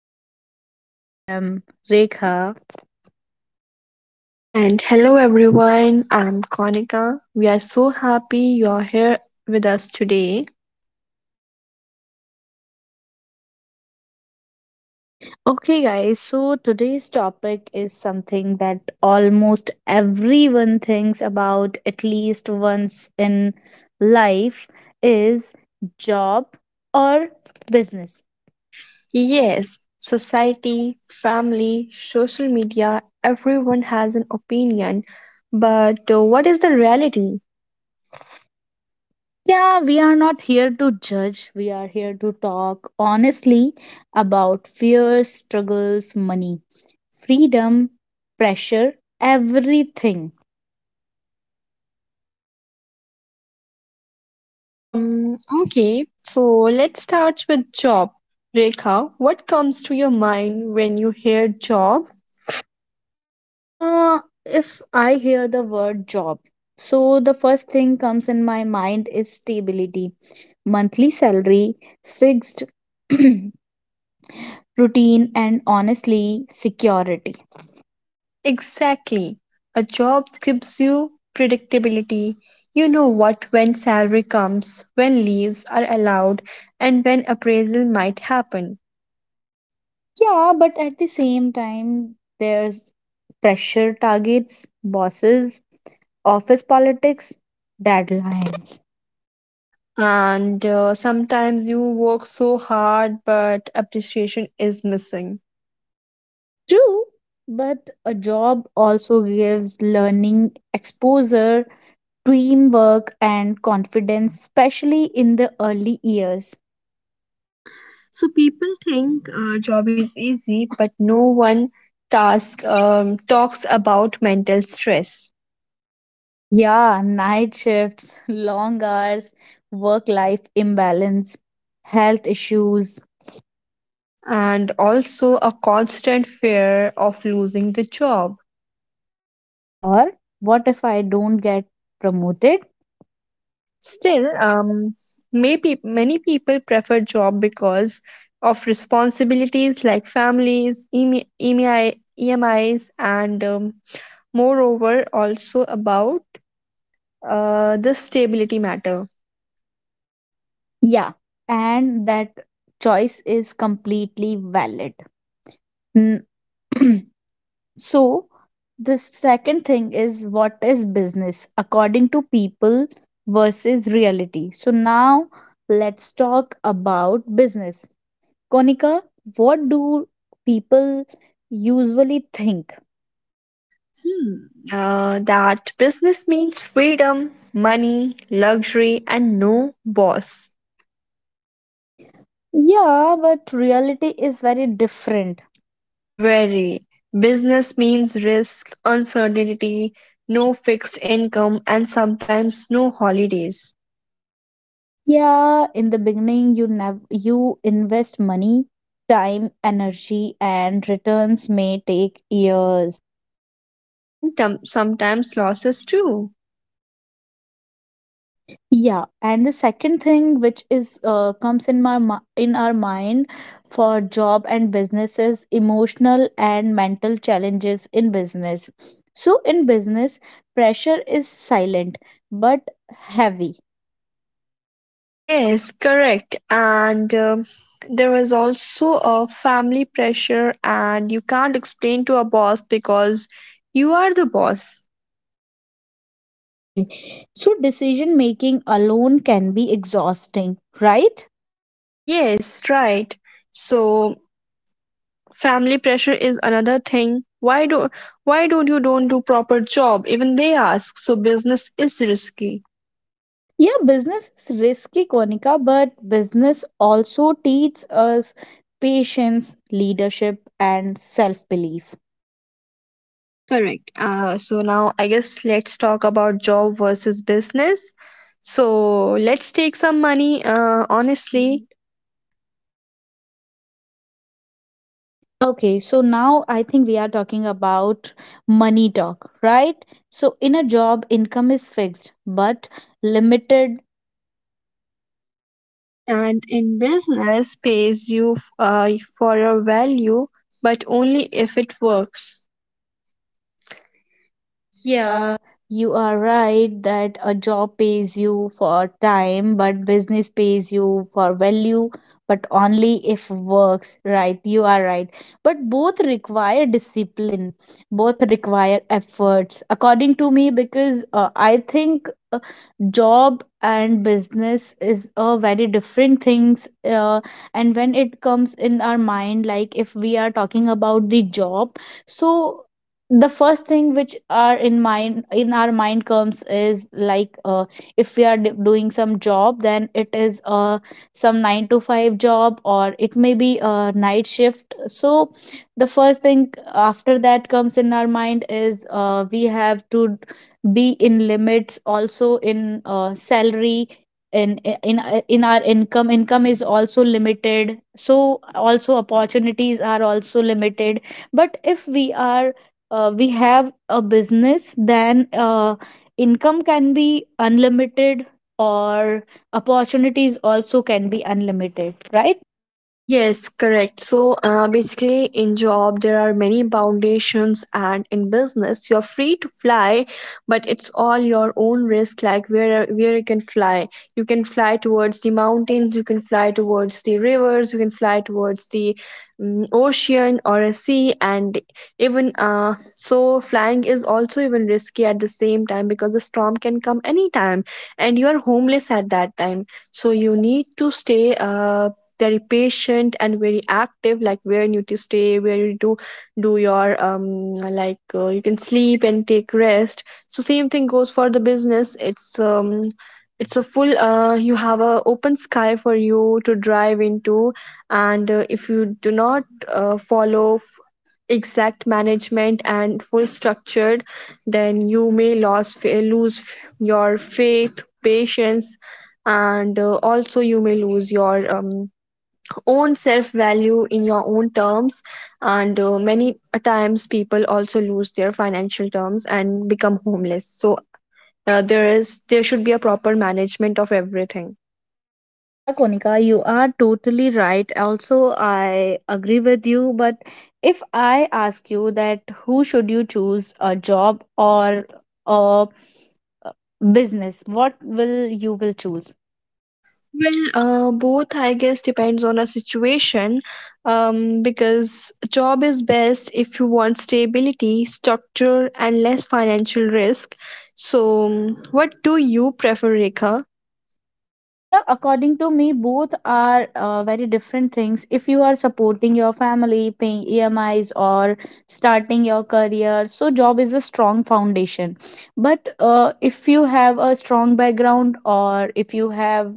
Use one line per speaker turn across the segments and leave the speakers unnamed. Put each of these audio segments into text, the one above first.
podcast. I am Rekha.
And hello everyone, I'm Konika. We are so happy you are here with us today.
Okay, guys, so today's topic is something that almost everyone thinks about at least once in life is job or business.
Yes, society, family, social media, everyone has an opinion. But what is the reality?
Yeah, we are not here to judge. We are here to talk honestly about fears, struggles, money, freedom, pressure, everything.
Okay, so let's start with job. Rekha, what comes to your mind when you hear job?
Uh, if I hear the word job, so the first thing comes in my mind is stability, monthly salary, fixed routine, and honestly, security.
Exactly. A job gives you predictability. You know what when salary comes, when leaves are allowed, and when appraisal might happen.
Yeah, but at the same time, there's pressure targets, bosses, office politics, deadlines.
And sometimes you work so hard, but appreciation is missing.
True, but a job also gives learning, exposure, teamwork, and confidence, especially in the early years.
So people think job is easy, but no one task talks about mental stress,
Yeah, night shifts, long hours, work life imbalance, health issues,
and also a constant fear of losing the job.
or what if I don't get promoted?
Still, maybe many people prefer job because of responsibilities like families, EMI, EMI EMIs, and moreover, also about the stability matter.
Yeah, and that choice is completely valid. N- So, the second thing is what is business according to people versus reality. So, now let's talk about business. Konika, what do people usually think?
That business means freedom, money, luxury, and no boss.
Yeah, but reality is very different.
Very. Business means risk, uncertainty, no fixed income, and sometimes no holidays.
Yeah, in the beginning you invest money, time, energy and returns may take years.
And sometimes losses too.
Yeah, and the second thing which is comes in in our mind for job and business is emotional and mental challenges in business. So in business, pressure is silent but heavy.
Yes, correct. And there is also a family pressure, and you can't explain to a boss because you are the boss.
Okay. So decision making alone can be exhausting, right?
Yes, right. So family pressure is another thing. Why don't you don't do proper job? Even they ask. So business is risky.
Yeah, business is risky, Konika, but business also teaches us patience, leadership, and self belief.
Correct. So now I guess let's talk about job versus business. So let's take some money, honestly,
Okay, so now I think we are talking about money talk, right? So in a job, income is fixed but limited.
and in business pays you for your value, but only if it works.
Yeah,
Yeah.
you are right that a job pays you for time, but business pays you for value, but only if works, right? You are right. But both require discipline, both require efforts, according to me, because I think job and business is a very different things and when it comes in our mind like if we are talking about the job, so the first thing which are in mind in our mind comes is like, if we are doing some job then it is some 9 to 5 job or it may be a night shift. So the first thing after that comes in our mind is, we have to be in limits also in salary, in in our income, income is also limited, so also opportunities are also limited. But if we are, we have a business, then, income can be unlimited or opportunities also can be unlimited, right?
Yes, correct. So basically, in job there are many foundations, and in business you're free to fly, but it's all your own risk. Like where you can fly towards the mountains, you can fly towards the rivers, you can fly towards the ocean or a sea, and even so flying is also even risky at the same time because the storm can come anytime, and you are homeless at that time. So you need to stay very patient and very active, like where you need to stay, where you do your like you can sleep and take rest. So same thing goes for the business. It's it's a full, you have a open sky for you to drive into, and if you do not follow exact management and full structured, then you may lose your faith, patience, and also you may lose your own self value in your own terms, and many a times people also lose their financial terms and become homeless. So there should be a proper management of everything.
Yeah, Konika, you are totally right. Also, I agree with you. But if I ask you that who should you choose, a job or a business, what will you will choose?
Uh, both I guess depends on a situation. Because job is best if you want stability, structure and less financial risk. So what do you prefer, Rekha?
Yeah, according to me, both are very different things. If you are supporting your family, paying EMIs, or starting your career, so job is a strong foundation. But if you have a strong background, or if you have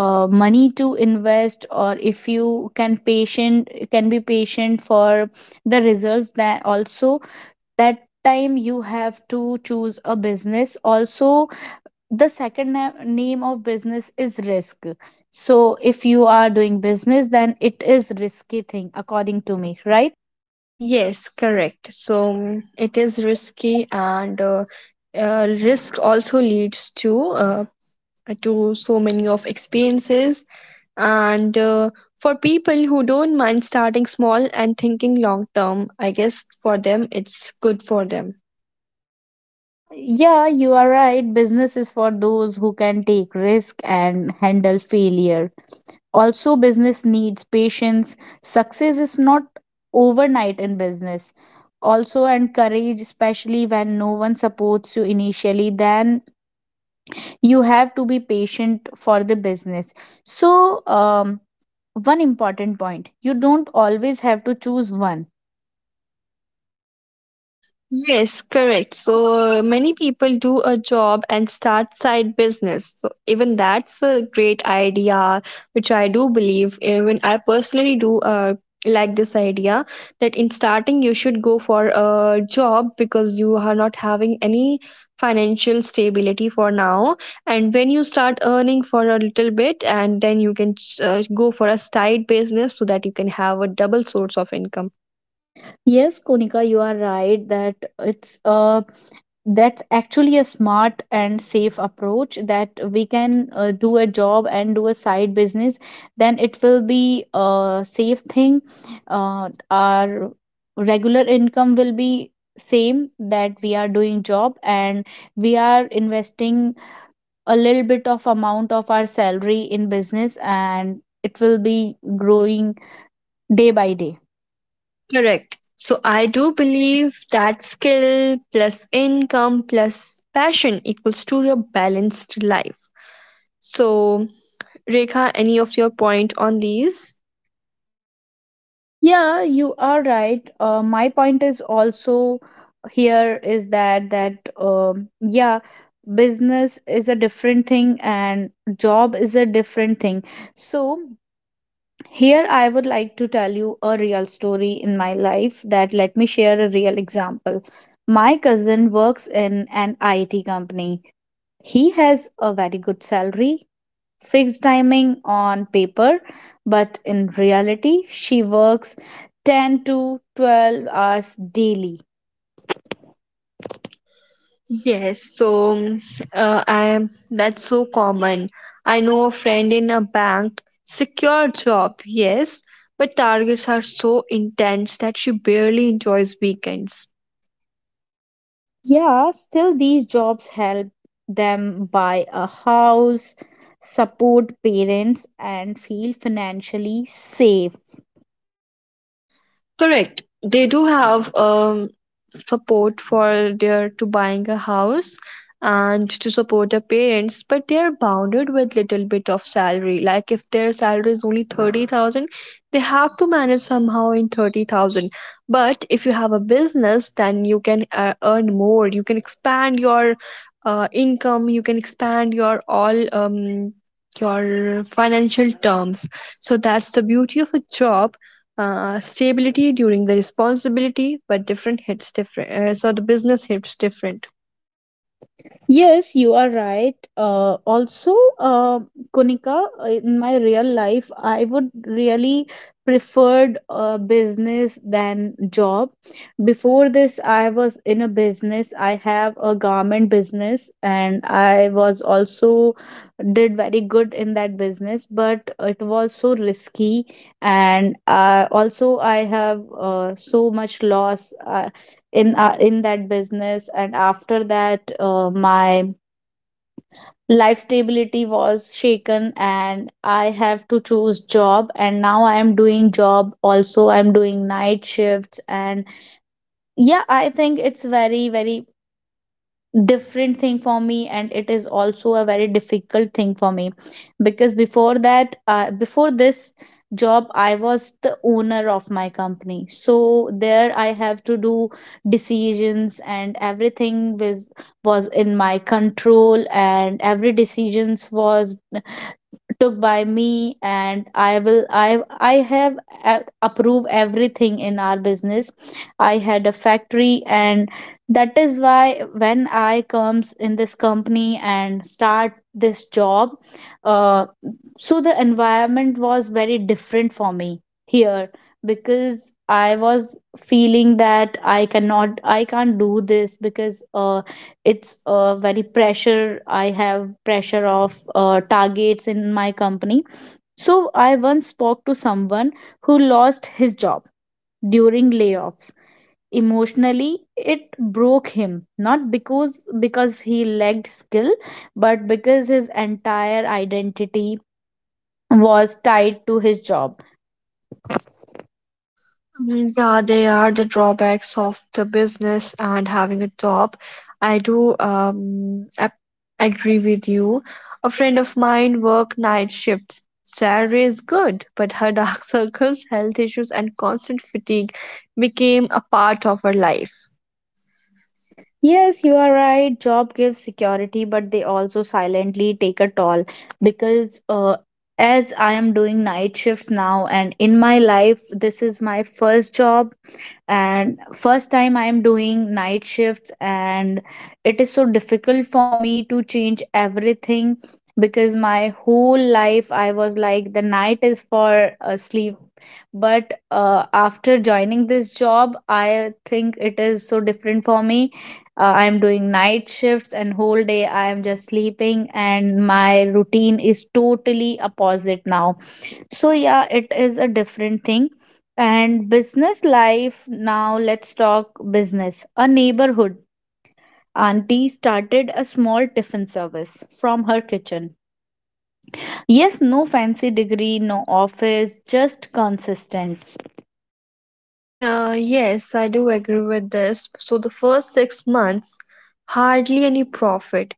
money to invest, or if you can patient can be patient for the results, that also that time you have to choose a business also. The second name of business is risk. So if you are doing business then it is risky thing according to me, right?
Yes, correct. So it is risky, and risk also leads to so many of experiences. And for people who don't mind starting small and thinking long term, I guess for them it's good for them.
Uh, yeah, you are right, business is for those who can take risk and handle failure. Also business needs patience, success is not overnight in business also, and courage, especially when no one supports you initially, then you have to be patient for the business. So one important point, you don't always have to choose one.
Yes, correct. So many people do a job and start side business. So even that's a great idea, which I do believe. Even I personally do like this idea, that in starting you should go for a job because you are not having any financial stability for now. And when you start earning for a little bit, and then you can go for a side business so that you can have a double source of income.
Yes Konika, you are right that it's that's actually a smart and safe approach that we can, do a job and do a side business, then it will be a safe thing. Our regular income will be same, that we are doing job and we are investing a little bit of amount of our salary in business and it will be growing day by day.
Correct. So I do believe that skill plus income plus passion equals to your balanced life. So, Rekha, any of your point on these?
Yeah, you are right, my point is also here is that yeah, business is a different thing and job is a different thing. So here I would like to tell you a real story in my life. That let me share a real example, my cousin works in an it company. He has a very good salary, fixed timing on paper, but in reality, she works 10 to 12 hours daily.
Yes, so I am, that's so common. I know a friend in a bank, secure job, yes, but targets are so intense that she barely enjoys weekends.
Yeah, still, these jobs help them buy a house, support parents, and feel financially safe.
Correct. They do have support for their to buying a house and to support their parents, but they are bounded with little bit of salary. Like if their salary is only 30,000, they have to manage somehow in 30,000. But if you have a business, then you can earn more, you can expand your income, you can expand your all your financial terms. So that's the beauty of a job, stability during the responsibility, but different hits different. So the business hits different.
Yes, you are right. Kunika, in my real life, I would really preferred business than job. Before this, I was in a business. I have a garment business, and I was also did very good in that business. But it was so risky, and also I have so much loss. I in that business, and after that, my life stability was shaken and I have to choose job. And now I am doing job, also I'm doing night shifts. And yeah, I think it's very very different thing for me and it is also a very difficult thing for me, because before that, before this job, I was the owner of my company. So there I have to do decisions and everything was in my control and every decisions was took by me, and I will I have a- approve everything in our business. I had a factory, and that is why when I comes in this company and start this job, uh, so the environment was very different for me here, because I was feeling that I can't do this because, it's a very pressure, I have pressure of targets in my company. So I once spoke to someone who lost his job during layoffs. Emotionally, it broke him, not because he lacked skill, but because his entire identity was tied to his job.
Yeah, they are the drawbacks of the business and having a job. I do agree with you. A friend of mine worked night shifts. Salary is good, but her dark circles, health issues, and constant fatigue became a part of her life.
Yes, you are right. Job gives security, but they also silently take a toll because, as I am doing night shifts now, and in my life, this is my first job and first time I am doing night shifts. And it is so difficult for me to change everything, because my whole life I was like the night is for, sleep. But, after joining this job I think it is so different for me. I am doing night shifts and whole day I am just sleeping and my routine is totally opposite now. So yeah, it is a different thing. And business life, now let's talk business. A neighborhood auntie started a small tiffin service from her kitchen. Yes, no fancy degree, no office, just consistent.
Yes, I do agree with this. So the first 6 months, hardly any profit.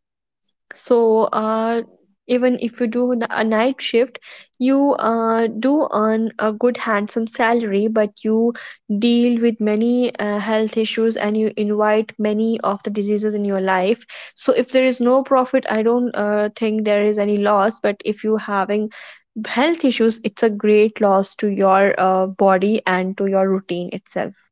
So even if you do the, a night shift, you do earn a good handsome salary, but you deal with many health issues and you invite many of the diseases in your life. So if there is no profit, I don't think there is any loss. But if you having health issues, it's a great loss to your body and to your routine itself.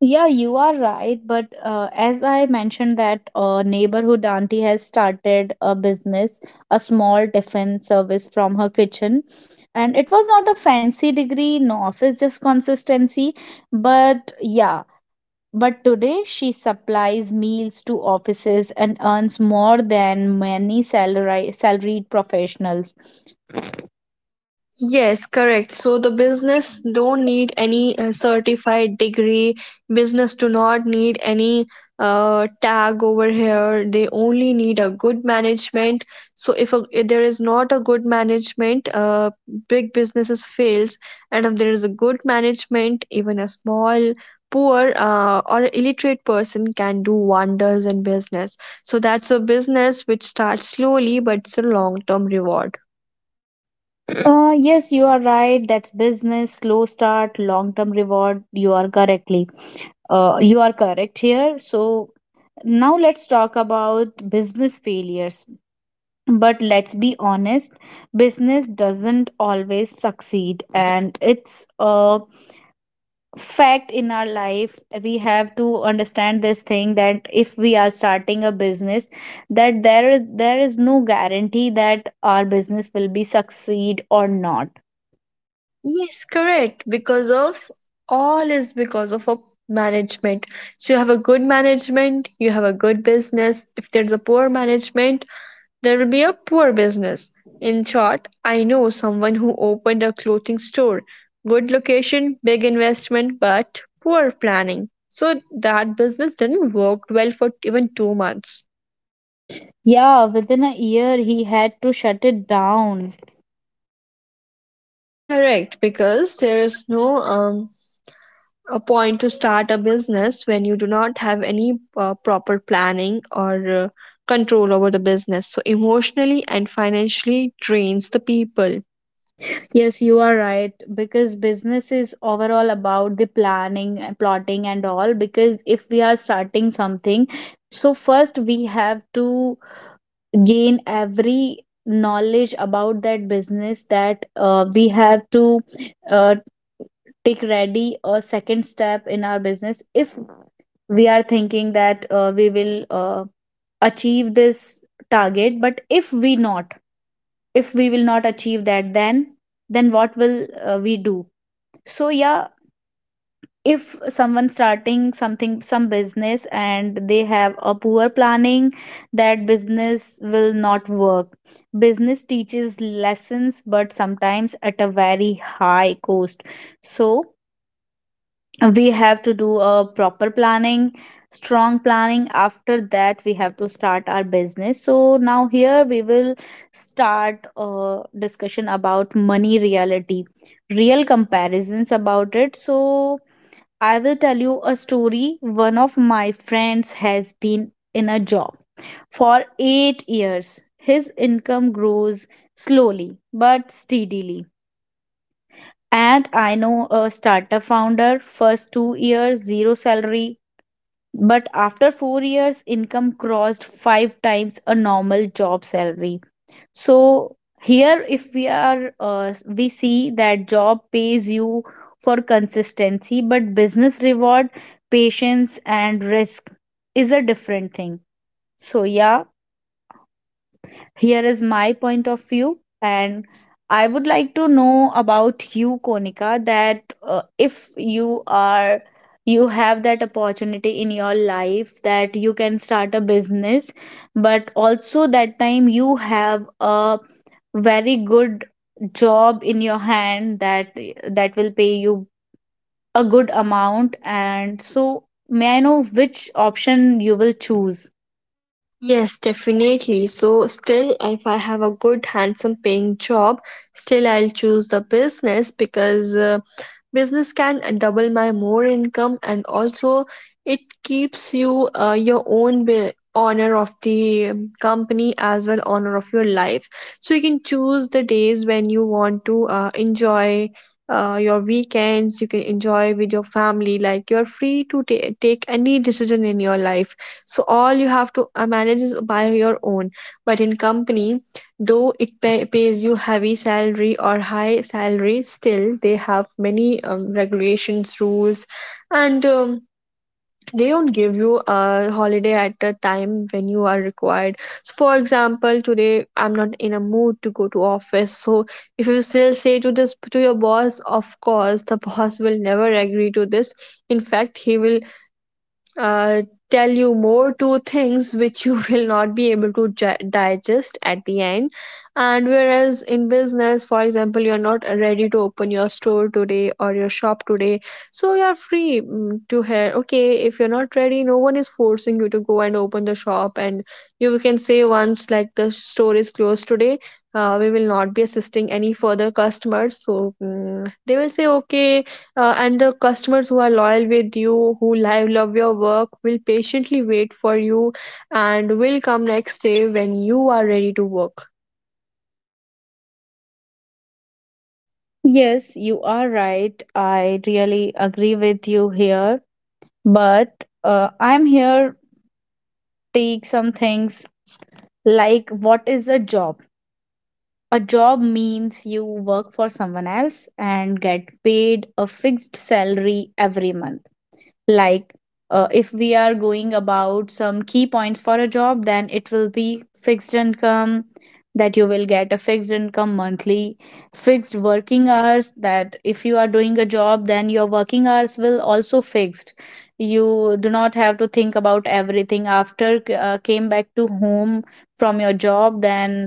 Yeah, you are right. But as I mentioned, that neighborhood auntie has started a business, a small tiffin service from her kitchen. And it was not a fancy degree, no office, just consistency. But yeah, but today she supplies meals to offices and earns more than many salary salaried professionals.
Yes, correct. So the business don't need any certified degree. Business do not need any tag over here. They only need a good management. So if, a, if there is not a good management, big businesses fails. And if there is a good management, even a small, poor or illiterate person can do wonders in business. So that's a business which starts slowly, but it's a long term reward.
Yes, you are right. That's business, slow start, long term reward. You are correctly. You are correct here. So now let's talk about business failures. But let's be honest, business doesn't always succeed, and it's a fact in our life. We have to understand this thing that if we are starting a business, that there is no guarantee that our business will be succeed or not.
Yes, correct. Because of all is because of a management. So you have a good management, you have a good business. If there's a poor management, there will be a poor business. In short, I know someone who opened a clothing store. Good location, big investment, but poor planning. So that business didn't work well for even two months.
Yeah, within a year he had to shut it down.
Correct, because there is no a point to start a business when you do not have any proper planning or control over the business. So, emotionally and financially drains the people.
Yes, you are right, because business is overall about the planning and plotting and all, because if we are starting something, so first we have to gain every knowledge about that business. That we have to, uh, take ready a second step in our business, if we are thinking that, we will, achieve this target. But if we not, if we will not achieve that, then what will, we do? So yeah, if someone starting something, some business, and they have a poor planning, that business will not work. Business teaches lessons but sometimes at a very high cost. So we have to do a proper planning, strong planning, after that we have to start our business. So now here we will start a discussion about money reality, real comparisons about it. So I will tell you a story, one of my friends has been in a job for 8 years. His income grows slowly but steadily. And I know a startup founder, first 2 years, zero salary. But after 4 years, income crossed five times a normal job salary. So here, if we are, we see that job pays you for consistency, but business reward, patience, and risk is a different thing. So yeah, here is my point of view, and I would like to know about you, Konika, that if you are you have that opportunity in your life that you can start a business, but also that time you have a very good job in your hand that will pay you a good amount, and so may I know which option you will choose?
Yes, definitely. So, still, if I have a good, handsome paying job, still I'll choose the business because business can double my more income, and also it keeps you your own honor of the company as well, honor of your life. So you can choose the days when you want to enjoy your weekends, you can enjoy with your family, like you're free to take any decision in your life. So all you have to manage is by your own. But in company, though it pays you heavy salary or high salary, still they have many regulations, rules, and they don't give you a holiday at the time when you are required. So for example, today I'm not in a mood to go to office. So if you still say to this to your boss, of course the boss will never agree to this. In fact, he will uh, tell you more two things which you will not be able to digest at the end. And whereas in business, for example, you're not ready to open your store today or your shop today. So you're free to hear, okay, if you're not ready, no one is forcing you to go and open the shop, and you can say once like the store is closed today, we will not be assisting any further customers. So they will say okay. Uh, and the customers who are loyal with you, who love your work, will patiently wait for you and will come next day when you are ready to work.
Yes, you are right. I really agree with you here. But I'm here take some things, like, what is a job? A job means you work for someone else and get paid a fixed salary every month. Like, if we are going about some key points for a job, then it will be fixed income, that you will get a fixed income monthly, fixed working hours, that if you are doing a job, then your working hours will also fixed. You do not have to think about everything after came back to home from your job. Then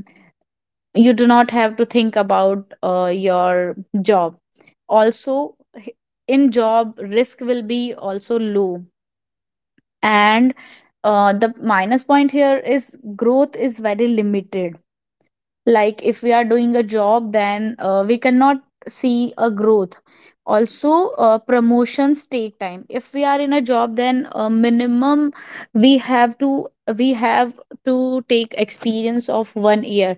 you do not have to think about your job. also h- in job, risk will be also low. And the minus point here is growth is very limited. Like, if we are doing a job, then we cannot see a growth. Also, promotions take time. If we are in a job, then minimum we have to we have to take experience of 1 year.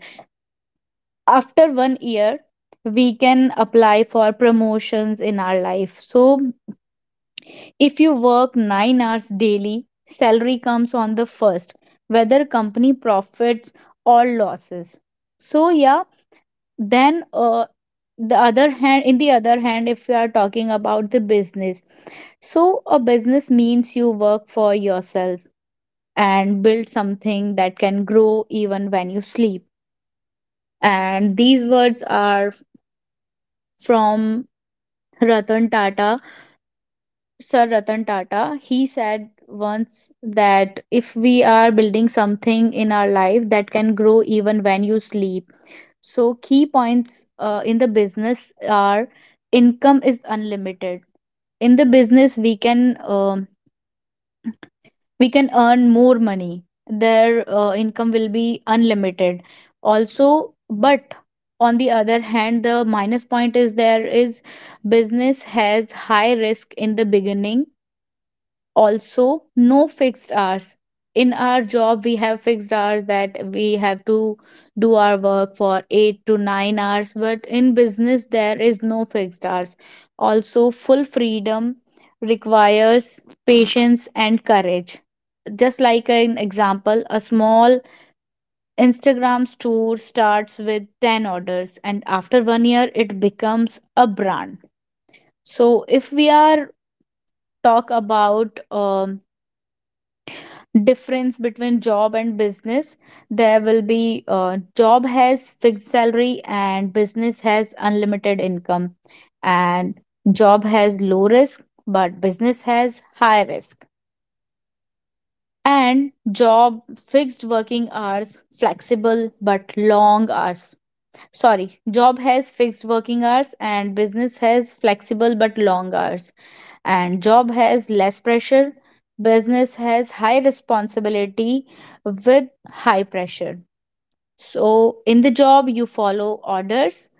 After 1 year, we can apply for promotions in our life. So if you work 9 hours daily, salary comes on the first, whether company profits or losses. So yeah, then the other hand in the other hand, if we are talking about the business. So a business means you work for yourself and build something that can grow even when you sleep. And these words are from Ratan Tata Sir Ratan Tata. He said once that if we are building something in our life that can grow even when you sleep. So, key points in the business are income is unlimited. In the business, um, we can earn more money. Their income will be unlimited. Also, but on the other hand, the minus point is there is business has high risk in the beginning. Also, no fixed hours. In our job we have fixed hours, that we have to do our work for 8 to 9 hours, but in business there is no fixed hours. Also, full freedom requires patience and courage. Just like an example, a small Instagram store starts with 10 orders and after 1 year it becomes a brand. So if we are talk about difference between job and business, there will be job has fixed salary and business has unlimited income, and job has low risk but business has high risk, and job fixed working hours flexible but long hours. Sorry, job has fixed working hours and business has flexible but long hours. And job has less pressure, business has high responsibility with high pressure. So in the job you follow orders,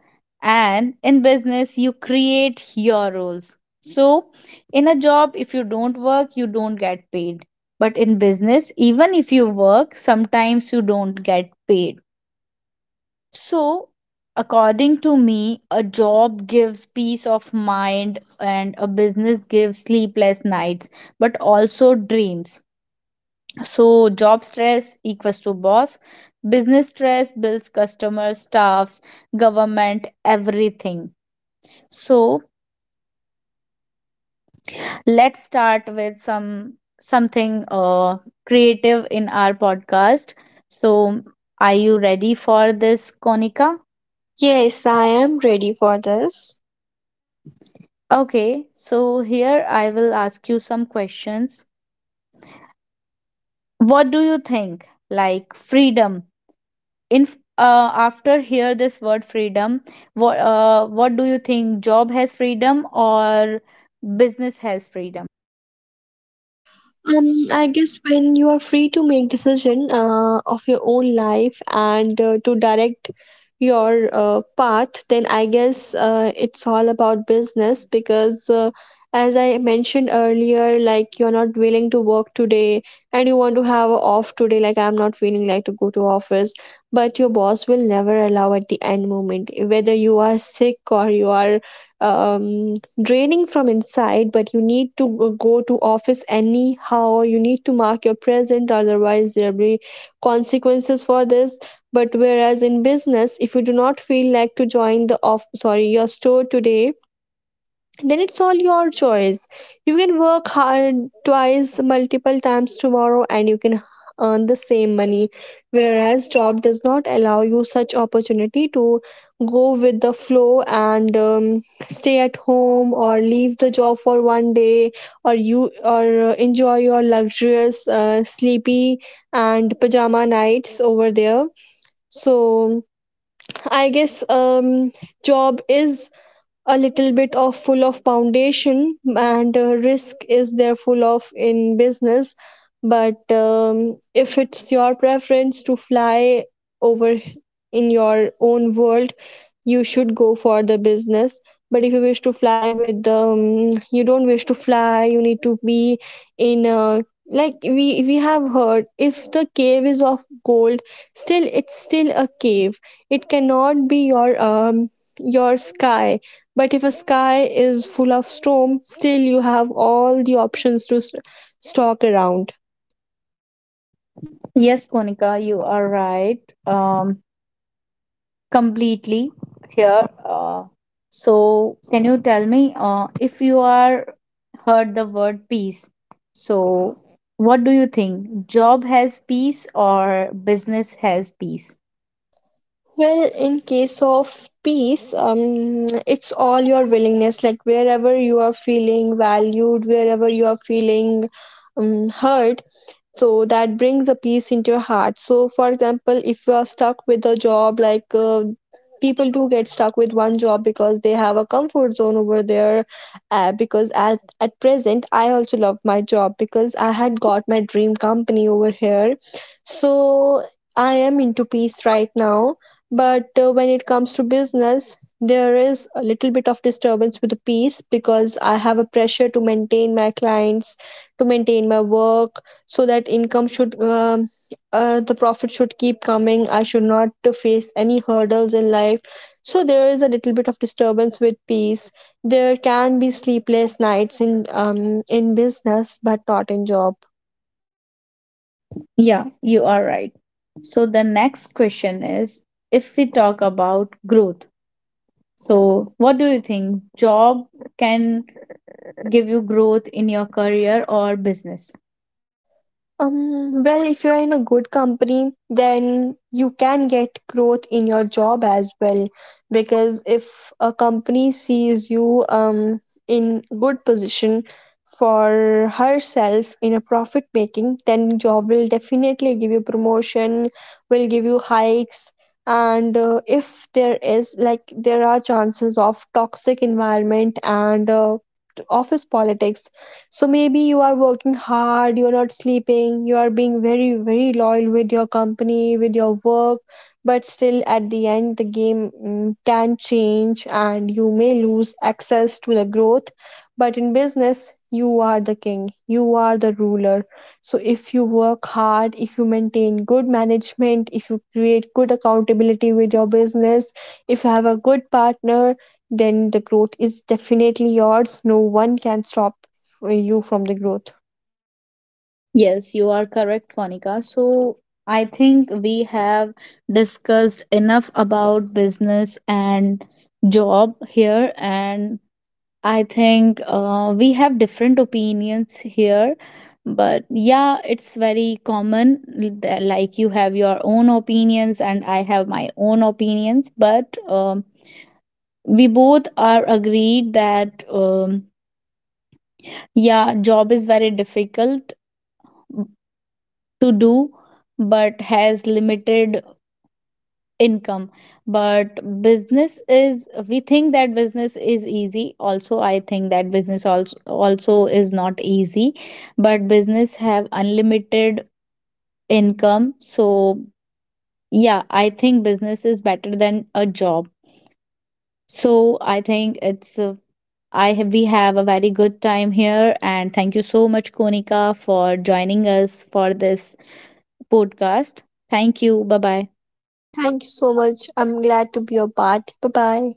and in business you create your roles. So in a job if you don't work you don't get paid, but in business even if you work sometimes you don't get paid. So, according to me, a job gives peace of mind and a business gives sleepless nights, but also dreams. So, job stress equals to boss, business stress bills, customers, staffs, government, everything. So, let's start with something creative in our podcast. So, are you ready for this, Konika?
Yes, I am ready for this.
Okay, so here I will ask you some questions. What do you think? Like, freedom. After hear this word freedom, what do you think? Job has freedom or business has freedom?
I guess when you are free to make decision of your own life and to direct your path, then I guess it's all about business. Because, as I mentioned earlier, like you're not willing to work today and you want to have a off today. Like I'm not feeling like to go to office, but your boss will never allow at the end moment, whether you are sick or you are um draining from inside, but you need to go to office anyhow, you need to mark your present, otherwise there will be consequences for this. But whereas in business, if you do not feel like to join the off, sorry, your store today, then it's all your choice. You can work hard twice, multiple times tomorrow, and you can earn the same money. Whereas job does not allow you such opportunity to go with the flow and stay at home or leave the job for one day. Or you or enjoy your luxurious sleepy and pajama nights over there. So I guess job is a little bit of full of foundation, and risk is there full of in business. But if it's your preference to fly over in your own world, you should go for the business. But if you wish to fly with you don't wish to fly, you need to be in a, like we have heard, if the cave is of gold, still it's still a cave, it cannot be your sky. But if a sky is full of storm, still you have all the options to stalk around.
Yes, Konika, you are right. Um, Completely here. So, can you tell me if you are heard the word peace? So, what do you think? Job has peace or business has peace?
Well, in case of peace, it's all your willingness. Like wherever you are feeling valued, wherever you are feeling heard, so that brings a peace into your heart. So, for example, if you are stuck with a job, like people do get stuck with one job because they have a comfort zone over there. Because at present, I also love my job because I had got my dream company over here. So I am into peace right now, but when it comes to business, there is a little bit of disturbance with the peace because I have a pressure to maintain my clients, to maintain my work, so that income should, the profit should keep coming. I should not to face any hurdles in life. So there is a little bit of disturbance with peace. There can be sleepless nights in business, but not in job.
Yeah, you are right. So, the next question is, if we talk about growth, so what do you think? Job can give you growth in your career or business?
Well, if you're in a good company, then you can get growth in your job as well. Because if a company sees you in good position for herself in a profit making, then job will definitely give you promotion, will give you hikes. And if there is like there are chances of toxic environment and office politics, so maybe you are working hard, you are not sleeping, you are being very, very loyal with your company, with your work, but still at the end, the game can change and you may lose access to the growth. But in business, you are the king, you are the ruler. So if you work hard, if you maintain good management, if you create good accountability with your business, if you have a good partner, then the growth is definitely yours. No one can stop you from the growth.
Yes, you are correct, Konika. So I think we have discussed enough about business and job here, and I think we have different opinions here. But yeah, it's very common. That, like, you have your own opinions, and I have my own opinions. But we both are agreed that yeah, job is very difficult to do but has limited income, but business is we think that business is easy. Also I think that business also is not easy, but business have unlimited income. So yeah, I think business is better than a job. So I think it's I have we have a very good time here, and thank you so much, Konika, for joining us for this podcast. Thank you. Bye bye.
Thank you so much. I'm glad to be a part. Bye bye.